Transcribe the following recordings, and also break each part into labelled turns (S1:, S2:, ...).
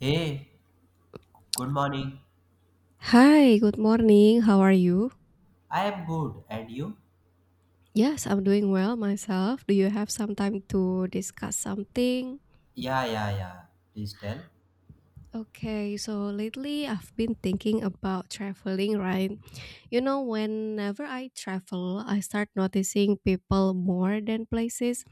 S1: Hey, good morning.
S2: Hi, good morning. How are you?
S1: I am good, and you?
S2: Yes, I'm doing well myself. Do you have some time to discuss something?
S1: Yeah, yeah, yeah. Please tell.
S2: Okay, so lately I've been thinking about traveling, right? You know, whenever I travel, I start noticing people more than places.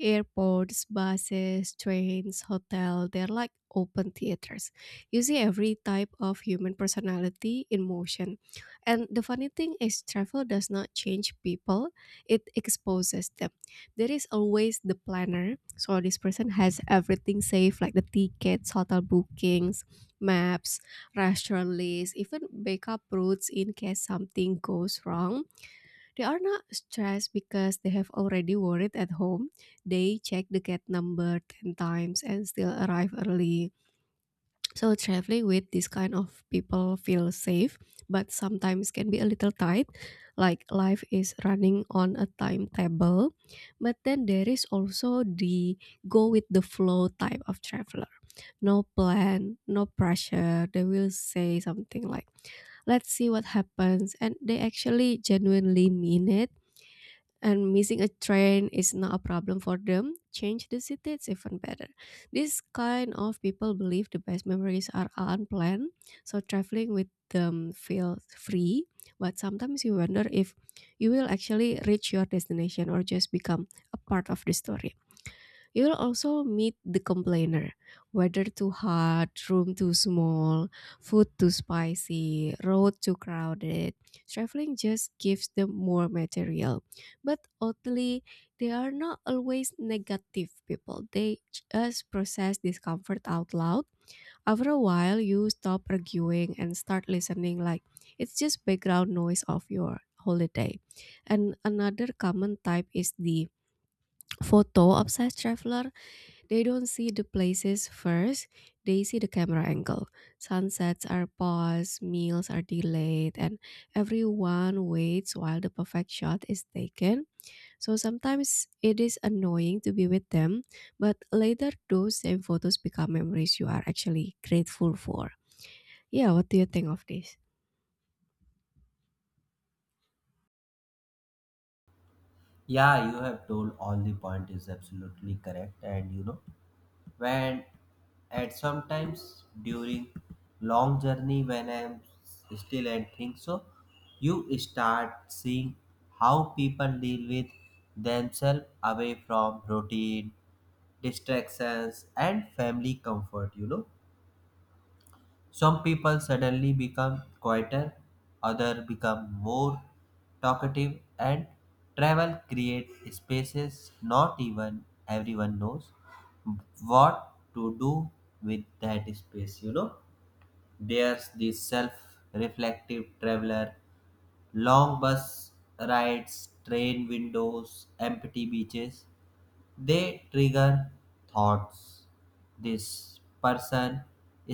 S2: Airports, buses, trains, hotel, they're like open theaters. You see every type of human personality in motion. And the funny thing is travel does not change people, it exposes them. There is always the planner. So this person has everything saved like the tickets, hotel bookings, maps, restaurant lists, even backup routes in case something goes wrong. They are not stressed because they have already worried at home. They check the gate number 10 times and still arrive early. So traveling with this kind of people feels safe, but sometimes can be a little tight, like life is running on a timetable. But then there is also the go with the flow type of traveler. No plan, no pressure. They will say something like, let's see what happens. And they actually genuinely mean it, and missing a train is not a problem for them. Change the city, it's even better. This kind of people believe the best memories are unplanned, so traveling with them feels free. But sometimes you wonder if you will actually reach your destination or just become a part of the story. You'll also meet the complainer. Weather too hot, room too small, food too spicy, road too crowded. Traveling just gives them more material. But oddly, they are not always negative people. They just process discomfort out loud. After a while, you stop arguing and start listening like it's just background noise of your holiday. And another common type is the photo obsessed traveler. They don't see the places first, they see the camera angle. Sunsets are paused, meals are delayed, and everyone waits while the perfect shot is taken. So sometimes it is annoying to be with them, but later those same photos become memories you are actually grateful for. Yeah, what do you think of this?
S1: Yeah, you have told all the point is absolutely correct, and when at sometimes during long journey when I am still and think so, you start seeing how people deal with themselves away from routine, distractions, and family comfort. Some people suddenly become quieter, others become more talkative, and travel create spaces not even everyone knows what to do with that space. There's this self reflective traveler, long bus rides, train windows, empty beaches they trigger thoughts. This person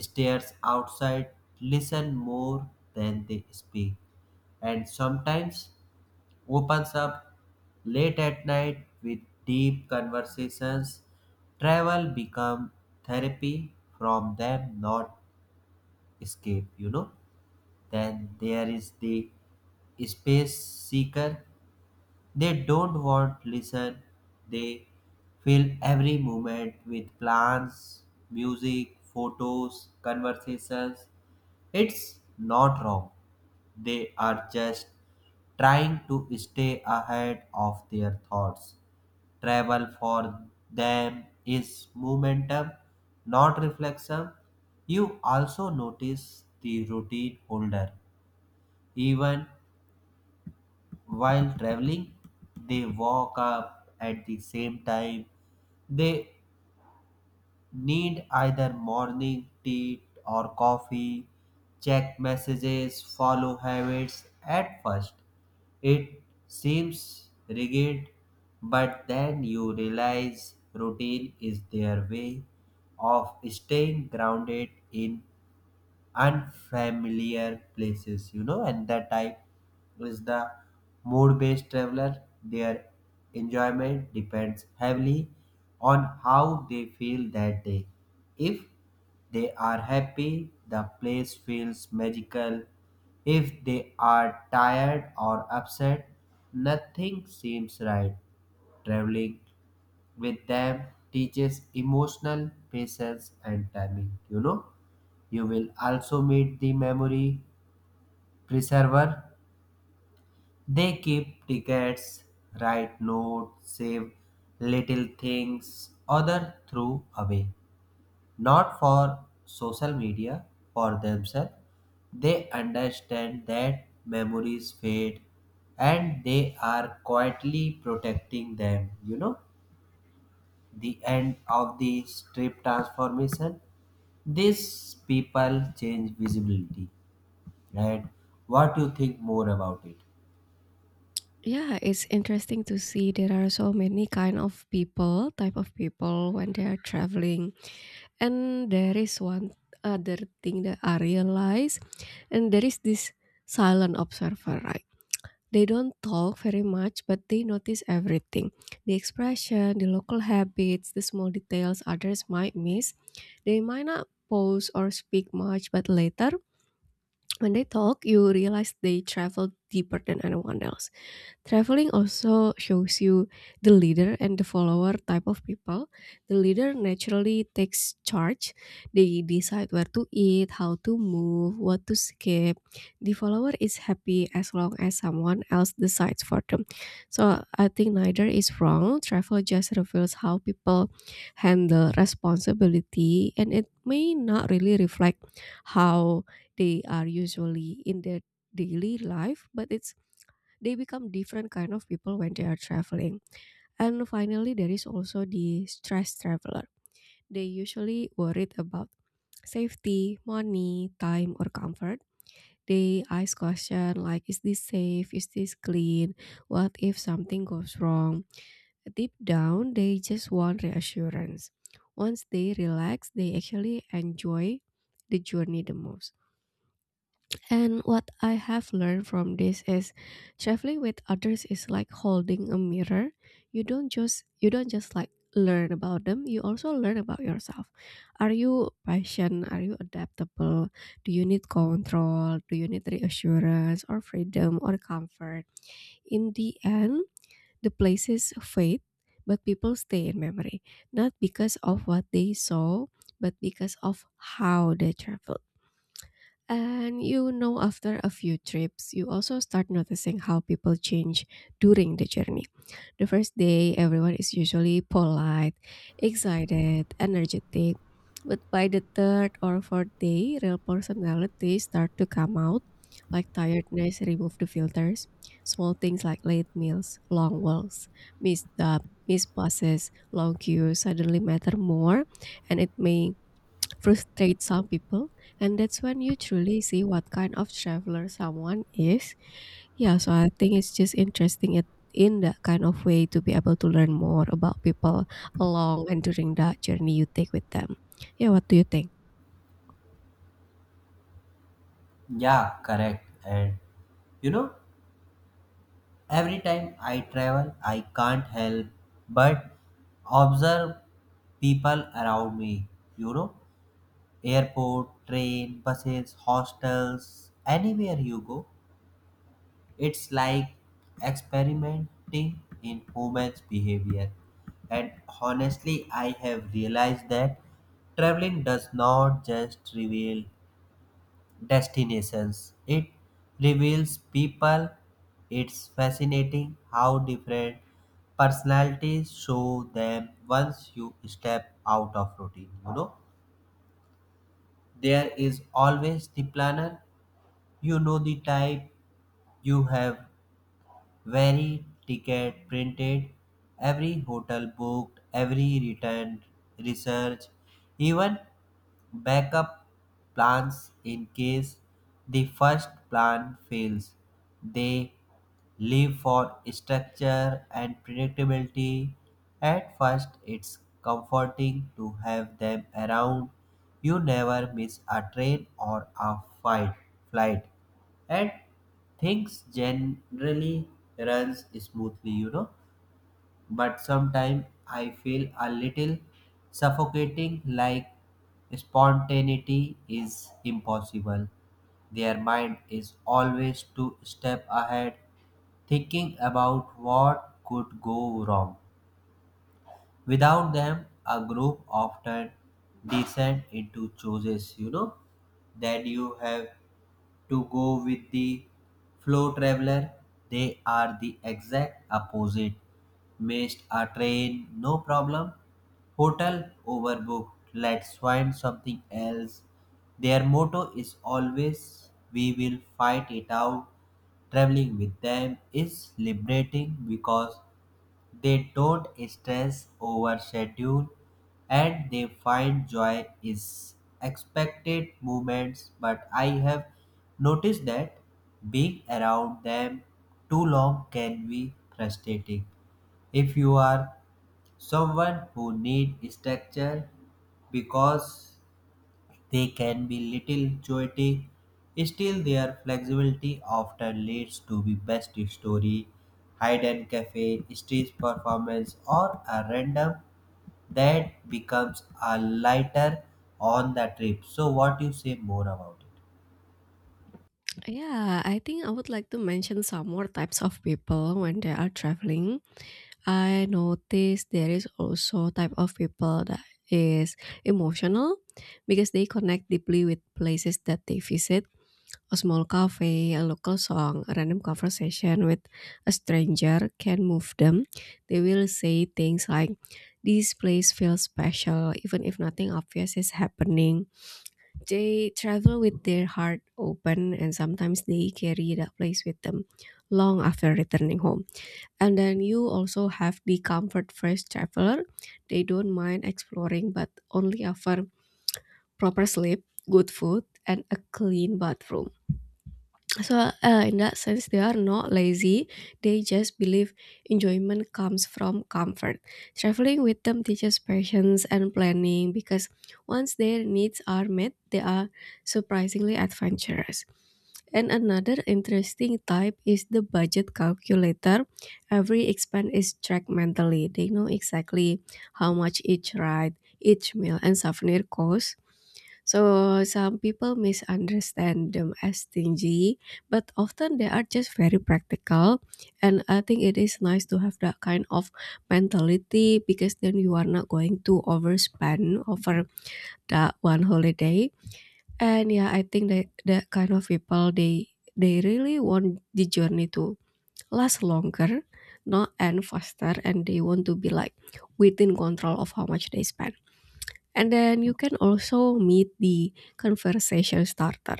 S1: stares outside, listen more than they speak, and sometimes opens up late at night with deep conversations. Travel become therapy from them, not escape, Then there is the space seeker they don't want listen, they fill every moment with plans, music, photos, conversations. It's not wrong. They are just trying to stay ahead of their thoughts. Travel for them is momentum, not reflection. You also notice the routine holder, even while traveling, they walk up at the same time. They need either morning tea or coffee, check messages, follow habits. At first, it seems rigid, but then you realize routine is their way of staying grounded in unfamiliar places, and the type is the mood based traveler. Their enjoyment depends heavily on how they feel that day. If they are happy, the place feels magical. If they are tired or upset, nothing seems right. Traveling with them teaches emotional patience and timing, you know. You will also meet the memory preserver. They keep tickets, write notes, save little things other threw away. Not for social media, for themselves. They understand that memories fade and they are quietly protecting them. The end of the strip transformation these people change visibility, right? What you think more about it?
S2: Yeah, it's interesting to see there are so many kind of people, type of people when they are traveling. And there is one other thing that I realize, and there is this silent observer, right? They don't talk very much, but they notice everything, the expression, the local habits, the small details others might miss. They might not pause or speak much, but later, when they talk, you realize they travel deeper than anyone else. Traveling also shows you the leader and the follower type of people. The leader naturally takes charge. They decide where to eat, how to move, what to skip. The follower is happy as long as someone else decides for them. So I think neither is wrong. Travel just reveals how people handle responsibility, and it may not really reflect how they are usually in their daily life, but it's they become different kind of people when they are traveling. And finally, there is also the stress traveler. They usually worried about safety, money, time, or comfort. They ask question like, is this safe? Is this clean? What if something goes wrong? Deep down, they just want reassurance. Once they relax, they actually enjoy the journey the most. And what I have learned from this is traveling with others is like holding a mirror. You don't just like learn about them, you also learn about yourself. Are you patient? Are you adaptable? Do you need control? Do you need reassurance or freedom or comfort? In the end, the places fade, but people stay in memory, not because of what they saw, but because of how they traveled. And you know, after a few trips, you also start noticing how people change during the journey. The first day, everyone is usually polite, excited, energetic. But by the third or fourth day, real personalities start to come out, like tiredness, remove the filters, small things like late meals, long walks, missed, uh, missed buses, long queues suddenly matter more, and it may frustrate some people, and that's when you truly see what kind of traveler someone is. Yeah, so I think it's just interesting it in that kind of way to be able to learn more about people along and during that journey you take with them. Yeah, what do you think?
S1: Yeah, correct. And you know, every time I travel, I can't help but observe people around me. You know, airport, train, buses, hostels, anywhere you go, it's like experimenting in humans' behavior. And honestly, I have realized that traveling does not just reveal destinations. It reveals people. It's fascinating how different personalities show them once you step out of routine. There is always the planner. You know the type. You have very ticket printed, every hotel booked, every return research, even backup plans in case the first plan fails. They live for structure and predictability. At first, it's comforting to have them around. You never miss a train or a fight, flight, and things generally runs smoothly. But sometimes I feel a little suffocating like spontaneity is impossible. Their mind is always two step ahead, thinking about what could go wrong. Without them, a group often descend into choices, Then you have to go with the flow traveler. They are the exact opposite. Missed a train, no problem. Hotel overbooked. Let's find something else. Their motto is always we will fight it out. Traveling with them is liberating because they don't stress over schedule and they find joy is expected moments but I have noticed that being around them too long can be frustrating. If you are someone who need structure because they can be little chaotic, still their flexibility often leads to the best story, hidden cafe, stage performance, or a random that becomes a lighter on the trip. So what you say more about it?
S2: Yeah, I think I would like to mention some more types of people when they are traveling. I notice there is also type of people that is emotional because they connect deeply with places that they visit, a small cafe, a local song, a random conversation with a stranger can move them. They will say things like this place feels special even if nothing obvious is happening. They travel with their heart open, and sometimes they carry that place with them long after returning home. And then you also have the comfort first traveler. They don't mind exploring, but only offer proper sleep, good food, and a clean bathroom. So, in that sense, they are not lazy. They just believe enjoyment comes from comfort. Traveling with them teaches patience and planning because once their needs are met, they are surprisingly adventurous. And another interesting type is the budget calculator. Every expense is tracked mentally. They know exactly how much each ride, each meal, and souvenir costs. So some people misunderstand them as stingy, but often they are just very practical. And I think it is nice to have that kind of mentality because then you are not going to overspend over that one holiday. And yeah, I think that that kind of people they really want the journey to last longer, not end faster, and they want to be like within control of how much they spend. And then you can also meet the conversation starter.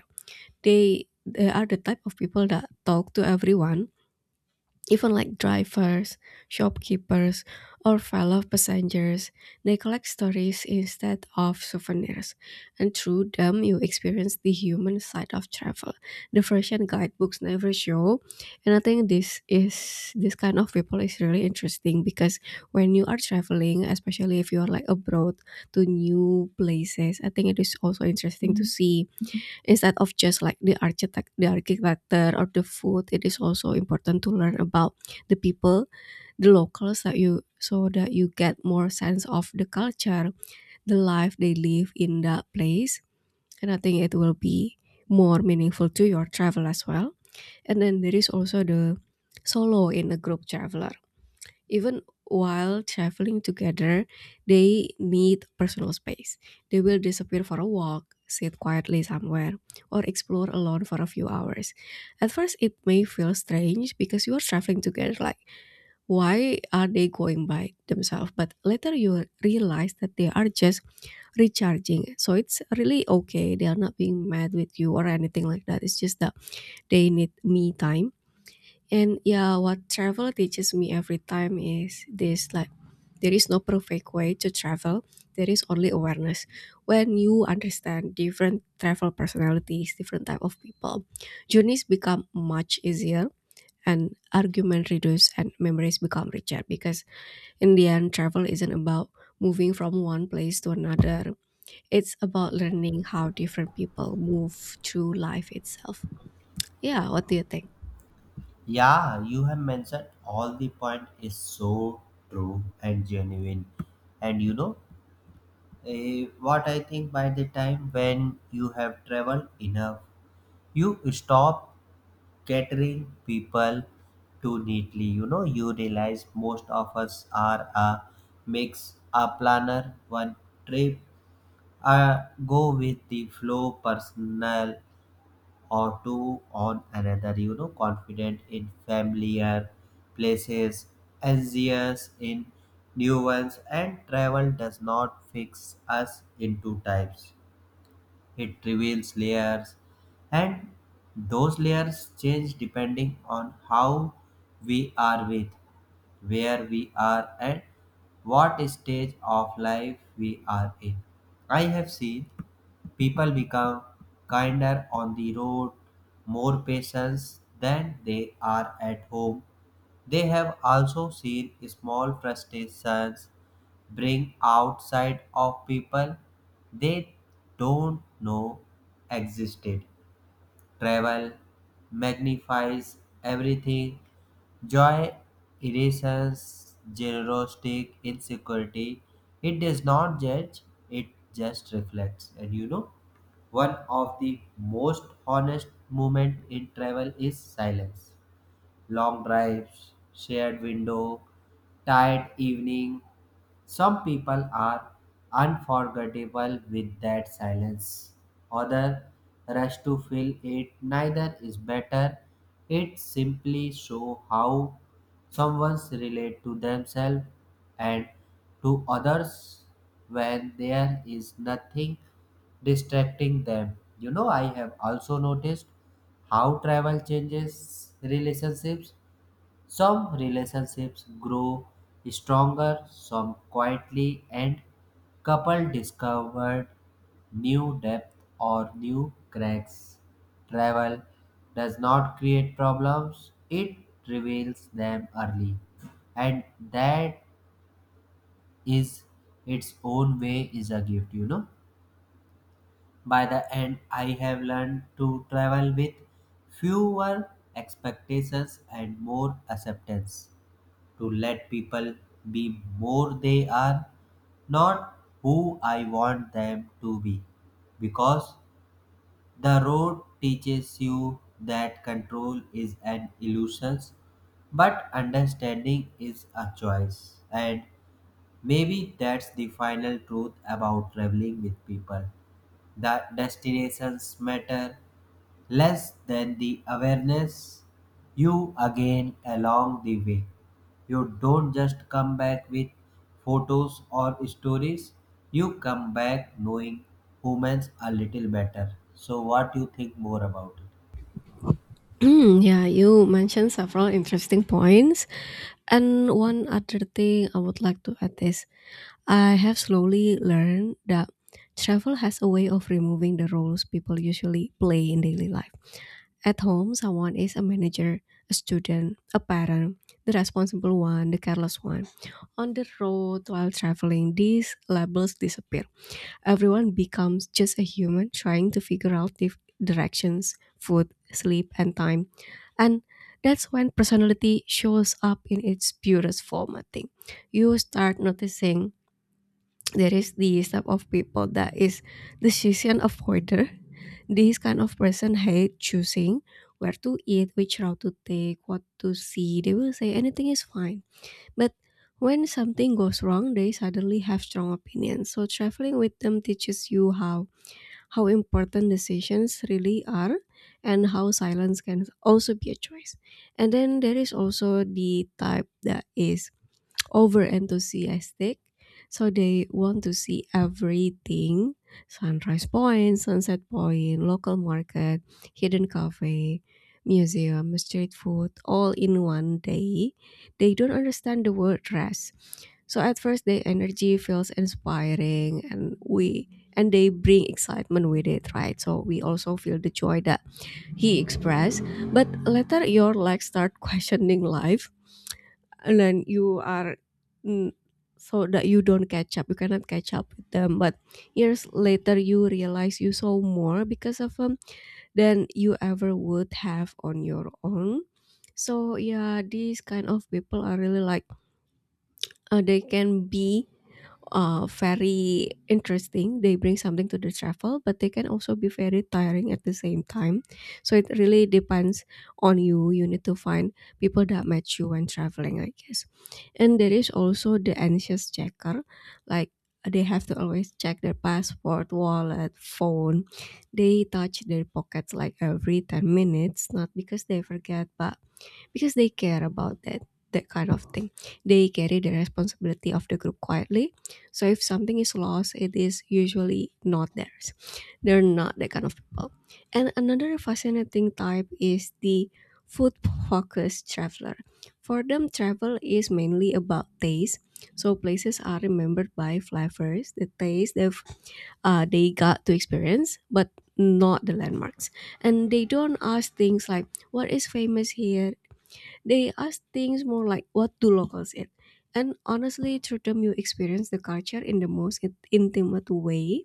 S2: They are the type of people that talk to everyone. Even like drivers, shopkeepers, or fellow passengers, they collect stories instead of souvenirs. And through them, you experience the human side of travel. The version guidebooks never show. And I think this is this kind of people is really interesting because when you are traveling, especially if you are like abroad to new places, I think it is also interesting to see, instead of just like the architecture or the food, it is also important to learn about the people, the locals, that you so that you get more sense of the culture, the life they live in that place, and I think it will be more meaningful to your travel as well. And then there is also the solo in a group traveler. Even while traveling together, they need personal space. They will disappear for a walk, sit quietly somewhere, or explore alone for a few hours. At first, it may feel strange because you are traveling together, like, why are they going by themselves? But later, you will realize that they are just recharging. So it's really okay. They are not being mad with you or anything like that. It's just that they need me time. And yeah, what travel teaches me every time is this like there is no perfect way to travel. There is only awareness. When you understand different travel personalities, different type of people, journeys become much easier, and argument reduce and memories become richer because in the end travel isn't about moving from one place to another. It's about learning how different people move through life itself. Yeah, what do you think?
S1: Yeah, you have mentioned all the point is so true and genuine. And what I think by the time when you have traveled enough, you stop catering people too neatly. You realize most of us are a mix, a planner, one trip, a go with the flow personal or two on another, confident in familiar places, anxious in new ones, and travel does not fix us into types. It reveals layers, and those layers change depending on how we are with, where we are, and what stage of life we are in. I have seen people become kinder on the road, more patient than they are at home. They have also seen small frustrations bring outside of people they don't know existed travel magnifies everything. Joy erases generosity, insecurity. It does not judge, it just reflects. And one of the most honest moment in travel is silence. Long drives, shared window, tired evening. Some people are unforgettable with that silence. Other rush to fill it. Neither is better. It simply show how someone's relate to themselves and to others when there is nothing distracting them. I have also noticed how travel changes relationships some relationships grow stronger, some quietly, and couple discovered new depth or new cracks. Travel does not create problems, it reveals them early. And that is its own way is a gift, By the end, I have learned to travel with fewer expectations and more acceptance to let people be more they are, not who I want them to be. Because the road teaches you that control is an illusion, but understanding is a choice. And maybe that's the final truth about traveling with people, that destinations matter less than the awareness you gain along the way. You don't just come back with photos or stories, you come back knowing humans a little better. So, what do you think more about it?
S2: Hmm, yeah, you mentioned several interesting points. And one other thing I would like to add is I have slowly learned that travel has a way of removing the roles people usually play in daily life. At home, someone is a manager, a student, a parent, the responsible one, the careless one. On the road while traveling, these labels disappear. Everyone becomes just a human trying to figure out the directions, food, sleep, and time. And that's when personality shows up in its purest form, I think. You start noticing there is this type of people that is decision avoider. This kind of person hate choosing where to eat, which route to take, what to see. They will say anything is fine, but when something goes wrong, they suddenly have strong opinions. So traveling with them teaches you how important decisions really are and how silence can also be a choice. And then there is also the type that is over enthusiastic. So they want to see everything, sunrise point, sunset point, local market, hidden cafe, museum, street food, all in one day. They don't understand the word rest. So at first their energy feels inspiring and we and they bring excitement with it, right? So we also feel the joy that he expressed. But later your legs start questioning life and then you are mm, so that you don't catch up, you cannot catch up with them. But years later you realize you saw more because of them than you ever would have on your own. So yeah, these kind of people are really like they can be very interesting. They bring something to the travel, but they can also be very tiring at the same time. So it really depends on you. You need to find people that match you when traveling, I guess. And there is also the anxious checker, like they have to always check their passport, wallet, phone. They touch their pockets like every 10 minutes, not because they forget, but because they care about that kind of thing. They carry the responsibility of the group quietly, so if something is lost it is usually not theirs. They're not that kind of people. And another fascinating type is the food focused traveler. For them, travel is mainly about taste, so places are remembered by flavors, the taste they've they got to experience, but not the landmarks. And they don't ask things like what is famous here. They ask things more like, what do locals eat? And honestly, through them you experience the culture in the most intimate way,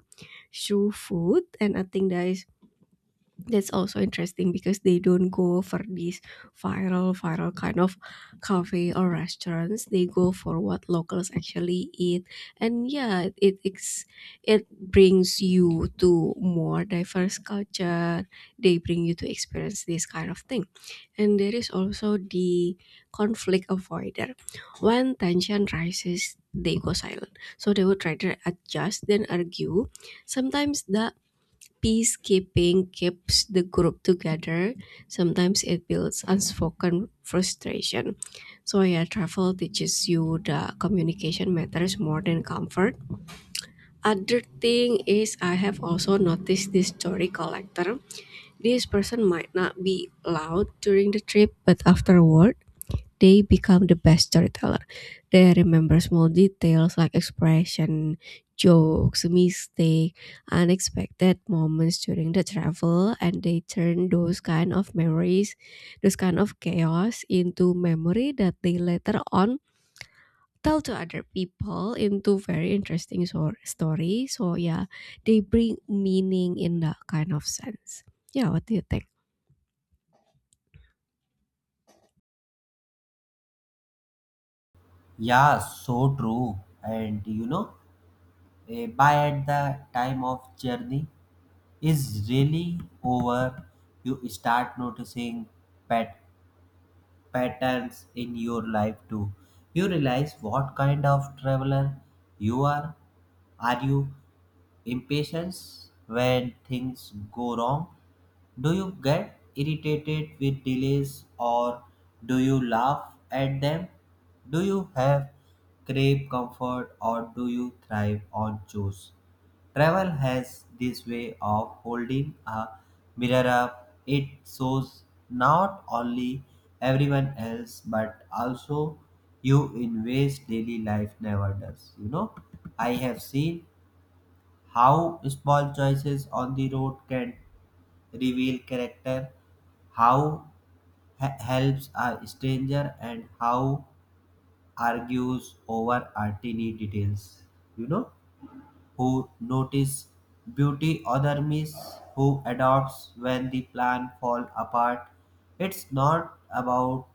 S2: through food. And I think that's also interesting because they don't go for these viral kind of cafe or restaurants. They go for what locals actually eat. And yeah, it brings you to more diverse culture. They bring you to experience this kind of thing. And there is also the conflict avoider. When tension rises they go silent, so they would try to adjust then argue. Sometimes the peacekeeping keeps the group together. Sometimes it builds unspoken frustration. So yeah, travel teaches you the communication matters more than comfort. Other thing is, I have also noticed this story collector. This person might not be loud during the trip, but afterward they become the best storyteller. They remember small details like expression, jokes, mistake, unexpected moments during the travel, and they turn those kind of memories, those kind of chaos into memory that they later on tell to other people into very interesting story. So yeah, they bring meaning in that kind of sense. Yeah, what do you think?
S1: Yeah, so true. And by at the time of journey is really over, you start noticing pat- patterns in your life too. You realize what kind of traveler you are. Are you impatient when things go wrong? Do you get irritated with delays or do you laugh at them? Do you have crave comfort or do you thrive on chores? Travel has this way of holding a mirror up. It shows not only everyone else but also you in ways daily life never does. I have seen how small choices on the road can reveal character, how helps a stranger, and how argues over a tiny details. You know who notice beauty, other miss who adopts when the plan fall apart. It's not about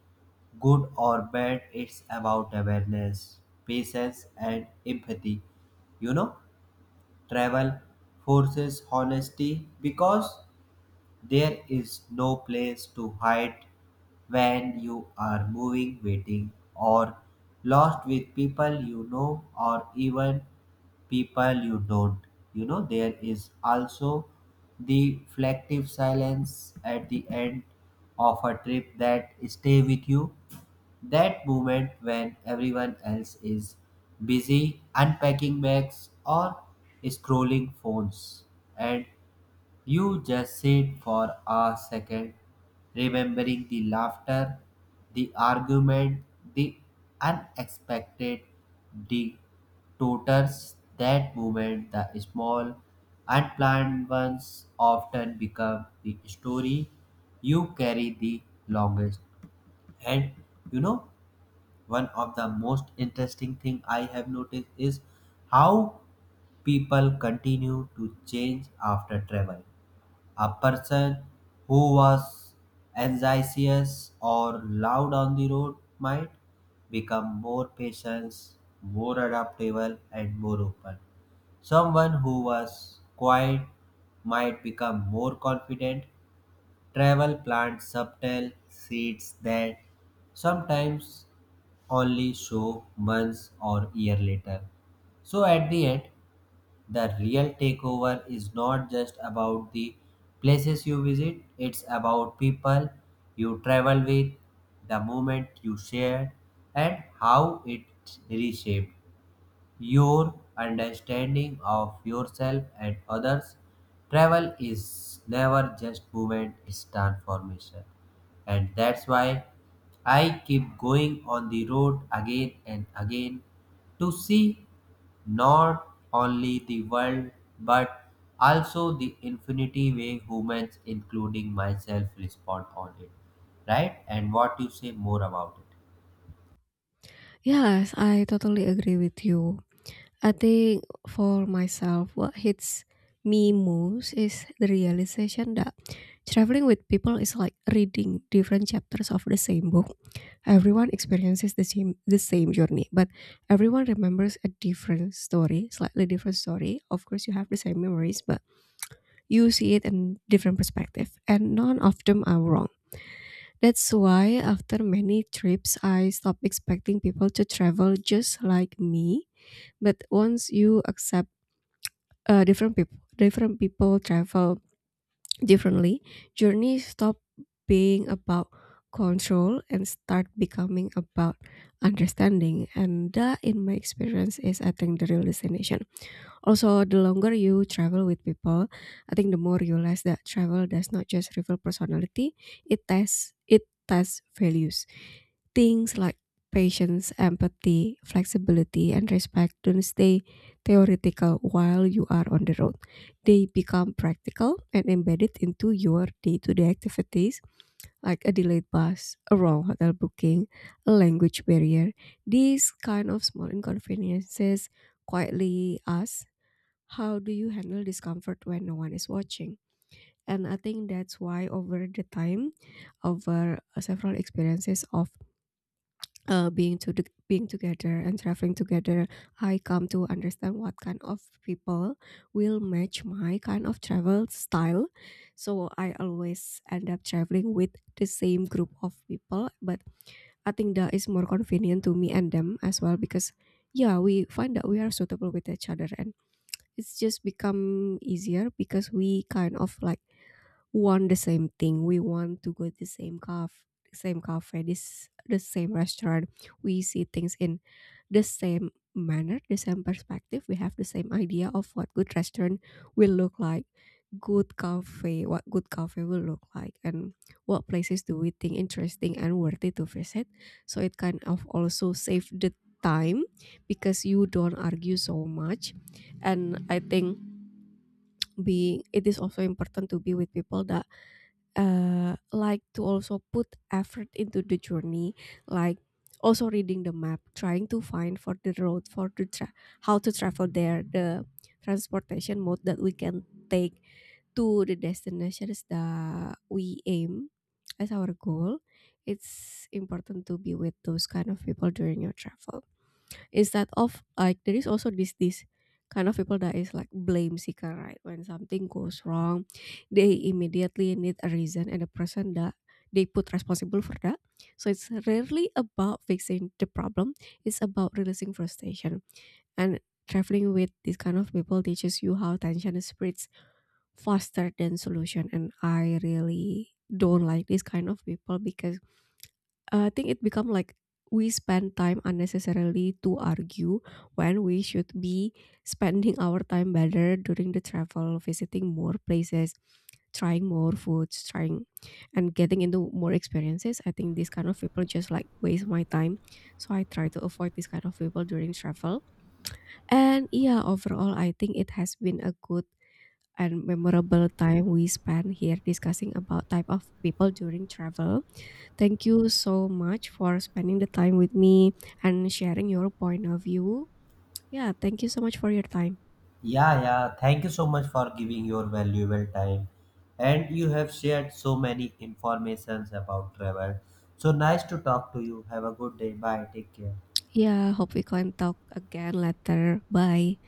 S1: good or bad, it's about awareness, patience and empathy. You know, travel forces honesty because there is no place to hide when you are moving, waiting, or lost with people you know or even people you don't. There is also the reflective silence at the end of a trip that stay with you that moment when everyone else is busy unpacking bags or scrolling phones and you just sit for a second, remembering the laughter, the argument, the unexpected, the tutors. That moment, the small, unplanned ones often become the story you carry the longest. And you know, one of the most interesting thing I have noticed is how people continue to change after travel a person who was anxious or loud on the road might become more patient, more adaptable, and more open. Someone who was quiet might become more confident. Travel plants subtle seeds that sometimes only show months or year later. So at the end, the real takeover is not just about the places you visit, it's about people you travel with, the moment you share, and how it reshaped your understanding of yourself and others. Travel is never just movement, it's transformation. And that's why I keep going on the road again and again to see not only the world but also the infinity way humans, including myself, respond on it. Right? And what you say more about it?
S2: Yes, I totally agree with you. I think for myself, what hits me most is the realization that traveling with people is like reading different chapters of the same book. Everyone experiences the same journey, but everyone remembers a different story, slightly different story. Of course, you have the same memories, but you see it in different perspective, and none of them are wrong. That's why after many trips, I stopped expecting people to travel just like me. But once you accept different people travel differently, journey stop being about control and start becoming about understanding. And that, in my experience, is I think the real destination. Also the longer you travel with people, I think the more you realize that travel does not just reveal personality, it tests it, tests values. Things like patience, empathy, flexibility, and respect don't stay theoretical while you are on the road. They become practical and embedded into your day to day activities, like a delayed bus, a wrong hotel booking, a language barrier. These kind of small inconveniences quietly ask, how do you handle discomfort when no one is watching? And I think that's why over the time, over several experiences of being together and traveling together, I come to understand what kind of people will match my kind of travel style. So I always end up traveling with the same group of people, but I think that is more convenient to me and them as well, because yeah, we find that we are suitable with each other and it's just become easier because we kind of like want the same thing. We want to go to the same cafe, this the same restaurant. We see things in the same manner, the same perspective. We have the same idea of what good restaurant will look like, what good cafe will look like, and what places do we think interesting and worthy to visit. So it kind of also save the time because you don't argue so much. And I think being it is also important to be with people that like to also put effort into the journey, like also reading the map, trying to find for the road for how to travel there, the transportation mode that we can take to the destinations that we aim as our goal. It's important to be with those kind of people during your travel. Is that of like, there is also this kind of people that is like blame seeker, right? When something goes wrong they immediately need a reason and a person that they put responsible for that. So it's rarely about fixing the problem, it's about releasing frustration. And traveling with this kind of people teaches you how tension spreads faster than solution. And I really don't like this kind of people because I think it become like we spend time unnecessarily to argue when we should be spending our time better during the travel, visiting more places, trying more foods, trying and getting into more experiences. I think these kind of people just like waste my time. So I try to avoid this kind of people during travel. And yeah, overall I think it has been a good and memorable time we spent here discussing about type of people during travel. Thank you so much for spending the time with me and sharing your point of view. Yeah, thank you so much for your time.
S1: Yeah, yeah. Thank you so much for giving your valuable time. And you have shared so many informations about travel. So nice to talk to you. Have a good day. Bye. Take care.
S2: Yeah, hope we can talk again later. Bye.